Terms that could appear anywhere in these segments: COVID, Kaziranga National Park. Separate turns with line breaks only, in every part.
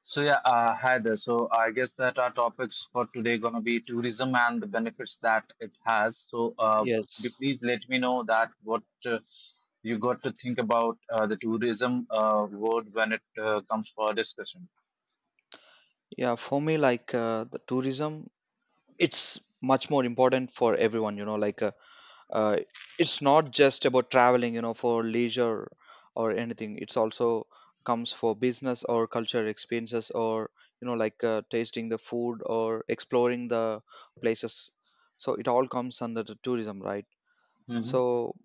So yeah, hi there. So I guess that our topics for today gonna be tourism and the benefits that it has. So could you
Yes.
please let me know that what you got to think about the tourism word when it comes for discussion?
Yeah, for me, the tourism, it's much more important for everyone, you know, uh, it's not just about traveling, you know, for leisure or anything. It's also comes for business or cultural experiences or, you know, tasting the food or exploring the places. So it all comes under the tourism, right?
Mm-hmm.
So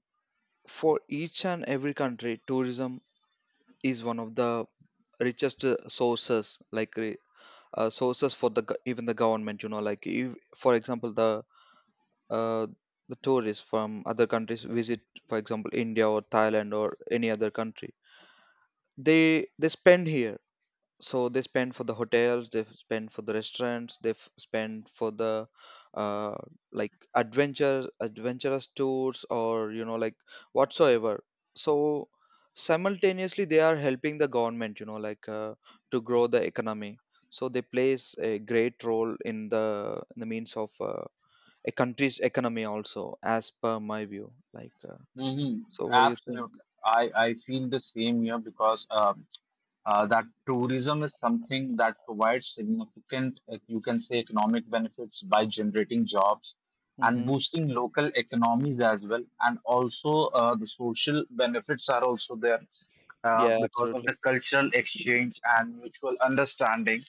for each and every country, tourism is one of the richest sources, sources for the even the government, you know, like if, for example, uh, the tourists from other countries visit, for example, India or Thailand or any other country. They spend here, so they spend for the hotels, they spend for the restaurants, they spend for the uh, like adventure adventurous tours or, you know, like whatsoever. So simultaneously they are helping the government, you know, to grow the economy. So they plays a great role in the means of a country's economy also, as per my view,
hmm
so what do you think?
Absolutely. I feel the same here because that tourism is something that provides significant, you can say, economic benefits by generating jobs and
Mm-hmm.
boosting local economies as well. And also, the social benefits are also there
Yeah,
because of
absolutely.
the cultural exchange and mutual understanding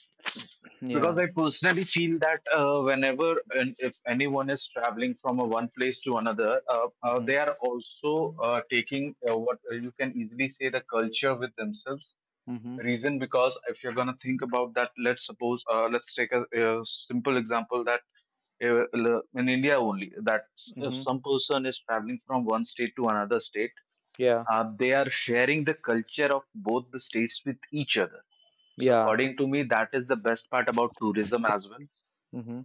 because
Yeah.
I personally feel that whenever and if anyone is traveling from a one place to another,
Mm-hmm.
they are also taking what you can easily say the culture with themselves.
Mm-hmm.
Reason because if you're gonna think about that, let's suppose let's take a simple example that in India only that if
Mm-hmm.
some person is traveling from one state to another state,
Yeah.
they are sharing the culture of both the states with each other. So,
Yeah.
according to me, that is the best part about tourism as well.
Mm-hmm.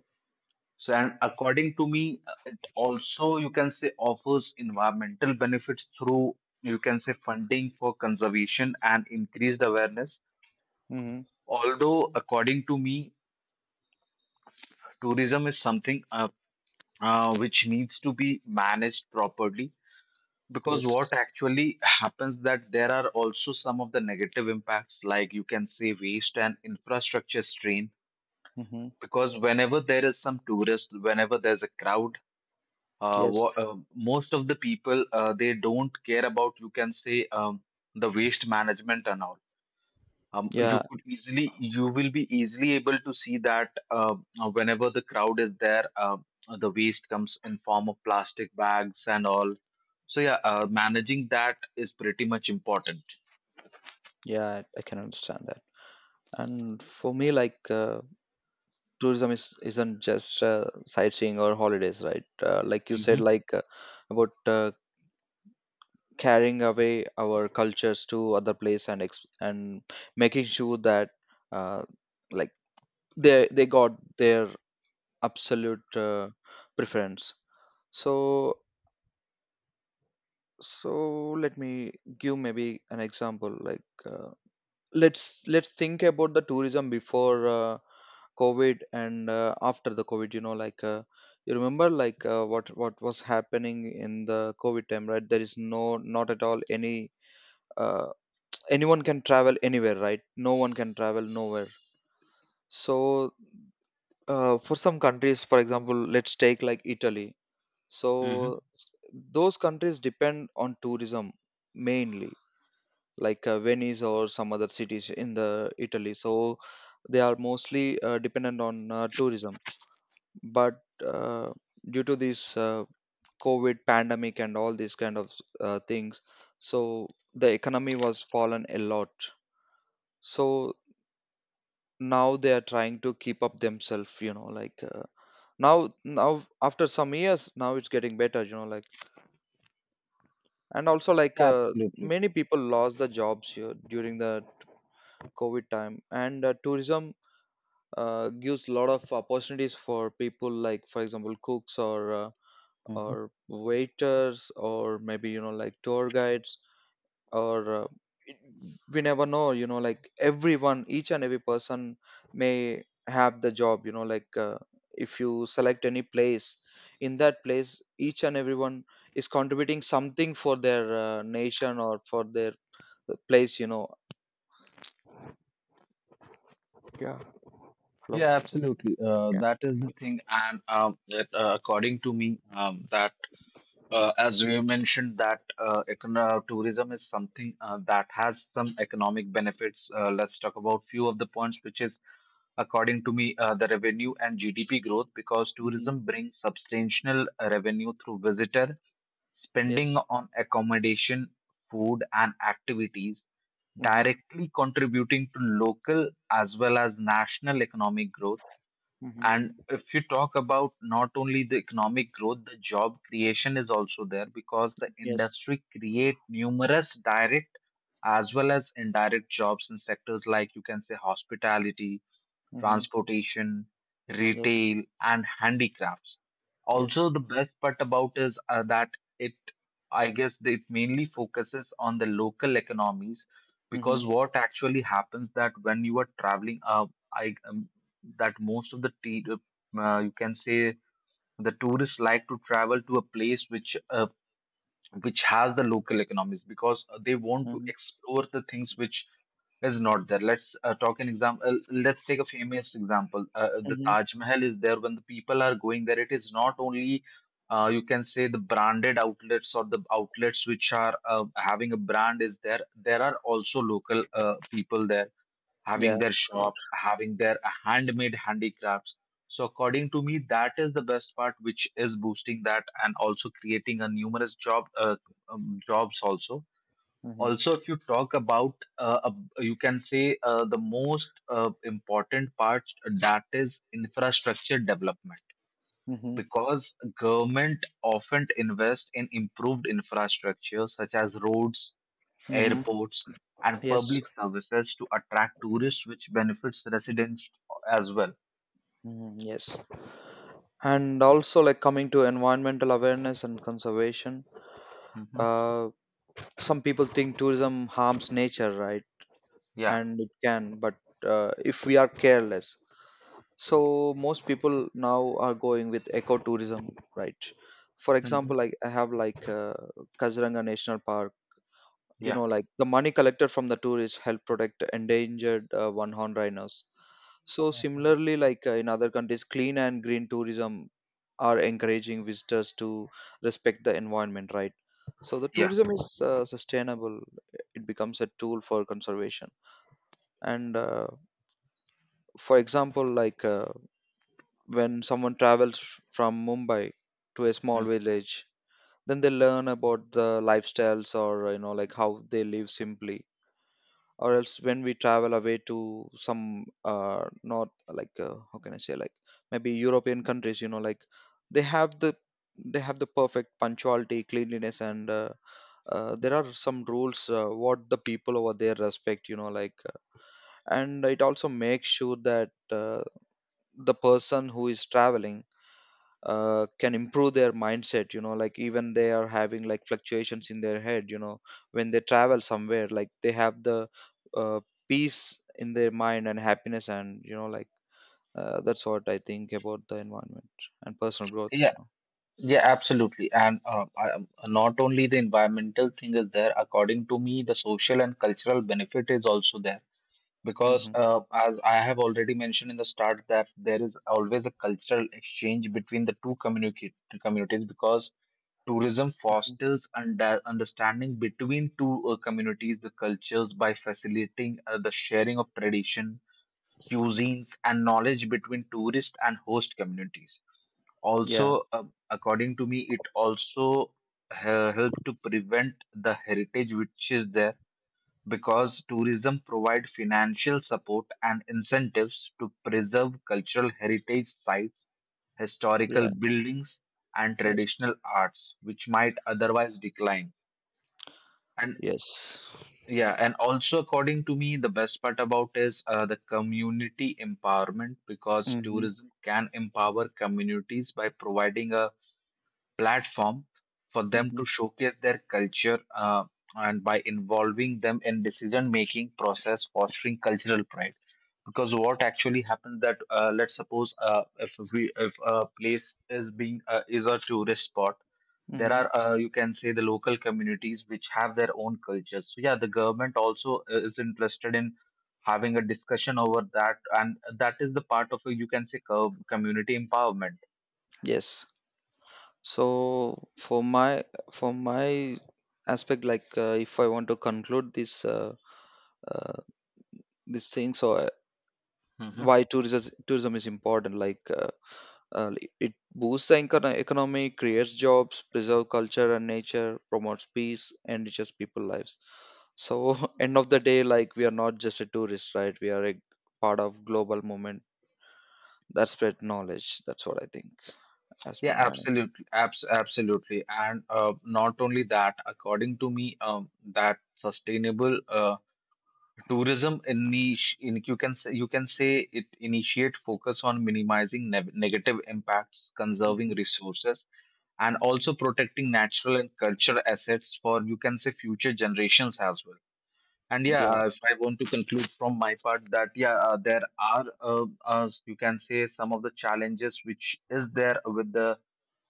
So, and according to me, it also you can say offers environmental benefits through you can say funding for conservation and increased awareness.
Mm-hmm.
Although, according to me, tourism is something which needs to be managed properly because
Yes.
what actually happens that there are also some of the negative impacts like you can say waste and infrastructure strain
Mm-hmm.
because whenever there is some tourist whenever there's a crowd
Yes.
most of the people they don't care about you can say the waste management and all. You
Yeah.
could easily you will be easily able to see that whenever the crowd is there, the waste comes in form of plastic bags and all. So yeah, managing that is pretty much important.
Yeah, I can understand that. And for me, tourism is isn't just sightseeing or holidays, right? Like you
hmm
said, about carrying away our cultures to other place and ex and making sure that uh, like they got their absolute preference. So so let me give maybe an example. Let's think about the tourism before covid and after the covid, you know, you remember, what was happening in the covid time, right? There is no, not at all any, uh, anyone can travel anywhere, right? No one can travel nowhere. So for some countries, for example, let's take like Italy. So
hmm
s- those countries depend on tourism mainly, Venice or some other cities in the Italy. So they are mostly dependent on tourism. But due to this COVID pandemic and all these kind of things, so the economy was fallen a lot. So now they are trying to keep up themselves, you know, now after some years, now it's getting better, you know, like. And also
yeah, absolutely.
many people lost the jobs here during the covid time, and tourism gives a lot of opportunities for people, like, for example, cooks
Mhm.
or waiters or maybe, you know, like tour guides or it- we never know, you know, like everyone, each and every person may have the job, you know, if you select any place, in that place each and everyone is contributing something for their nation or for their place, you know. Yeah. Hello.
Yeah, absolutely,
Yeah.
that is the thing. And that, according to me, that as we mentioned that tourism is something that has some economic benefits. Let's talk about few of the points which is, according to me, the revenue and GDP growth because
Hmm.
tourism brings substantial revenue through visitor spending
Yes.
on accommodation, food, and activities,
Hmm.
directly contributing to local as well as national economic growth.
Hmm.
And if you talk about not only the economic growth, the job creation is also there because the
Yes.
industry create numerous direct as well as indirect jobs in sectors like you can say hospitality,
Mm-hmm.
transportation,
Yes.
retail, and handicrafts. Also,
Yes.
the best part about is that it, I guess, it mainly focuses on the local economies
Mm-hmm.
because what actually happens that when you are traveling, I that most of you can say the tourists like to travel to a place which has the local economies because they want to
Mm-hmm.
explore the things which is not there. Let's talk an example. Let's take a famous example. The
Mm-hmm.
Taj Mahal is there when the people are going there. It is not only you can say the branded outlets or the outlets which are having a brand is there. There are also local people there having
Yeah.
their
Absolutely.
shop, having their handmade handicrafts. So according to me, that is the best part, which is boosting that and also creating a numerous job jobs also.
Mm-hmm.
Also if you talk about you can say the most important part, that is infrastructure development
Mm-hmm.
because government often invest in improved infrastructure such as roads,
Mm-hmm.
airports, and
Yes.
public services to attract tourists which benefits residents as well.
Mm-hmm. Yes. And also, like, coming to environmental awareness and conservation,
Mhm.
uh, some people think tourism harms nature, right?
Yeah.
And it can, but if we are careless, so most people now are going with ecotourism, right? For
Mhm.
example, like I have Kaziranga National Park. You
Yeah.
know, like the money collected from the tourists help protect endangered one horned rhinos. So similarly, in other countries, clean and green tourism are encouraging visitors to respect the environment, right? So the
Yeah.
tourism is sustainable, it becomes a tool for conservation. And for example, when someone travels from Mumbai to a small village, then they learn about the lifestyles, or you know, like how they live simply. Or else when we travel away to some, uh, not, how can I say, like, maybe European countries, you know, like they have they have the perfect punctuality, cleanliness, and there are some rules, what the people over there respect, you know, like. And it also makes sure that the person who is traveling can improve their mindset, you know, like. Even they are having like fluctuations in their head, you know, when they travel somewhere, like they have the uh, peace in their mind and happiness, and you know, that's what I think about the environment and personal growth,
Mhm.
you know.
Yeah, absolutely. And not only the environmental thing is there, according to me, the social and cultural benefit is also there. Because
Hmm.
as I have already mentioned in the start that there is always a cultural exchange between the two communicate communities, because tourism fosters understanding between two communities, the cultures, by facilitating the sharing of tradition, cuisines, and knowledge between tourist and host communities.
Yeah.
Also, according to me it also help to prevent the heritage which is there because tourism provide financial support and incentives to preserve cultural heritage sites, historical
Yeah.
buildings, and
Yes.
traditional arts which might otherwise decline. And
Yes.
yeah, and also according to me the best part about is the community empowerment because
Mm-hmm.
tourism can empower communities by providing a platform for them
Mm-hmm.
to showcase their culture and by involving them in decision making process, fostering cultural pride, because what actually happened that let's suppose if we if a place is being is a tourist spot, there
Mm-hmm.
are you can say the local communities which have their own cultures. So yeah, the government also is interested in having a discussion over that, and that is the part of you can say community empowerment.
Yes. So for my aspect, if I want to conclude uh, this thing, so why tourism is important, uh, it boosts the economy, creates jobs, preserve culture and nature, promotes peace, enriches people lives. So end of the day, like, we are not just a tourist, right? We are a part of global movement that spread knowledge. That's what I think, as per
Yeah,
my.
absolutely, absolutely, and not only that. According to me, that sustainable tourism niche, in, you can say it initiate focus on minimizing ne negative impacts, conserving
Hmm.
resources, and also protecting natural and cultural assets for you can say future generations as well. And yeah,
Yeah.
if I want to conclude from my part that yeah, there are you can say some of the challenges which is there with the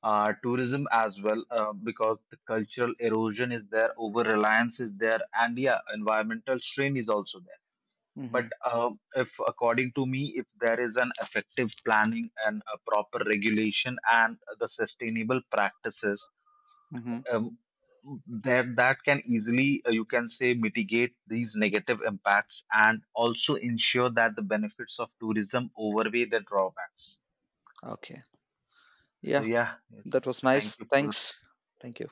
tourism as well, because the cultural erosion is there, over reliance is there, and yeah, environmental strain is also there. But
Hmm.
if, according to me, if there is an effective planning and a proper regulation and the sustainable practices,
Hmm.
um, that can easily you can say mitigate these negative impacts and also ensure that the benefits of tourism overweigh the drawbacks.
Okay.
So
Yeah,
yeah, yes.
that was
Thank
nice.
you for
Thanks. Thank you.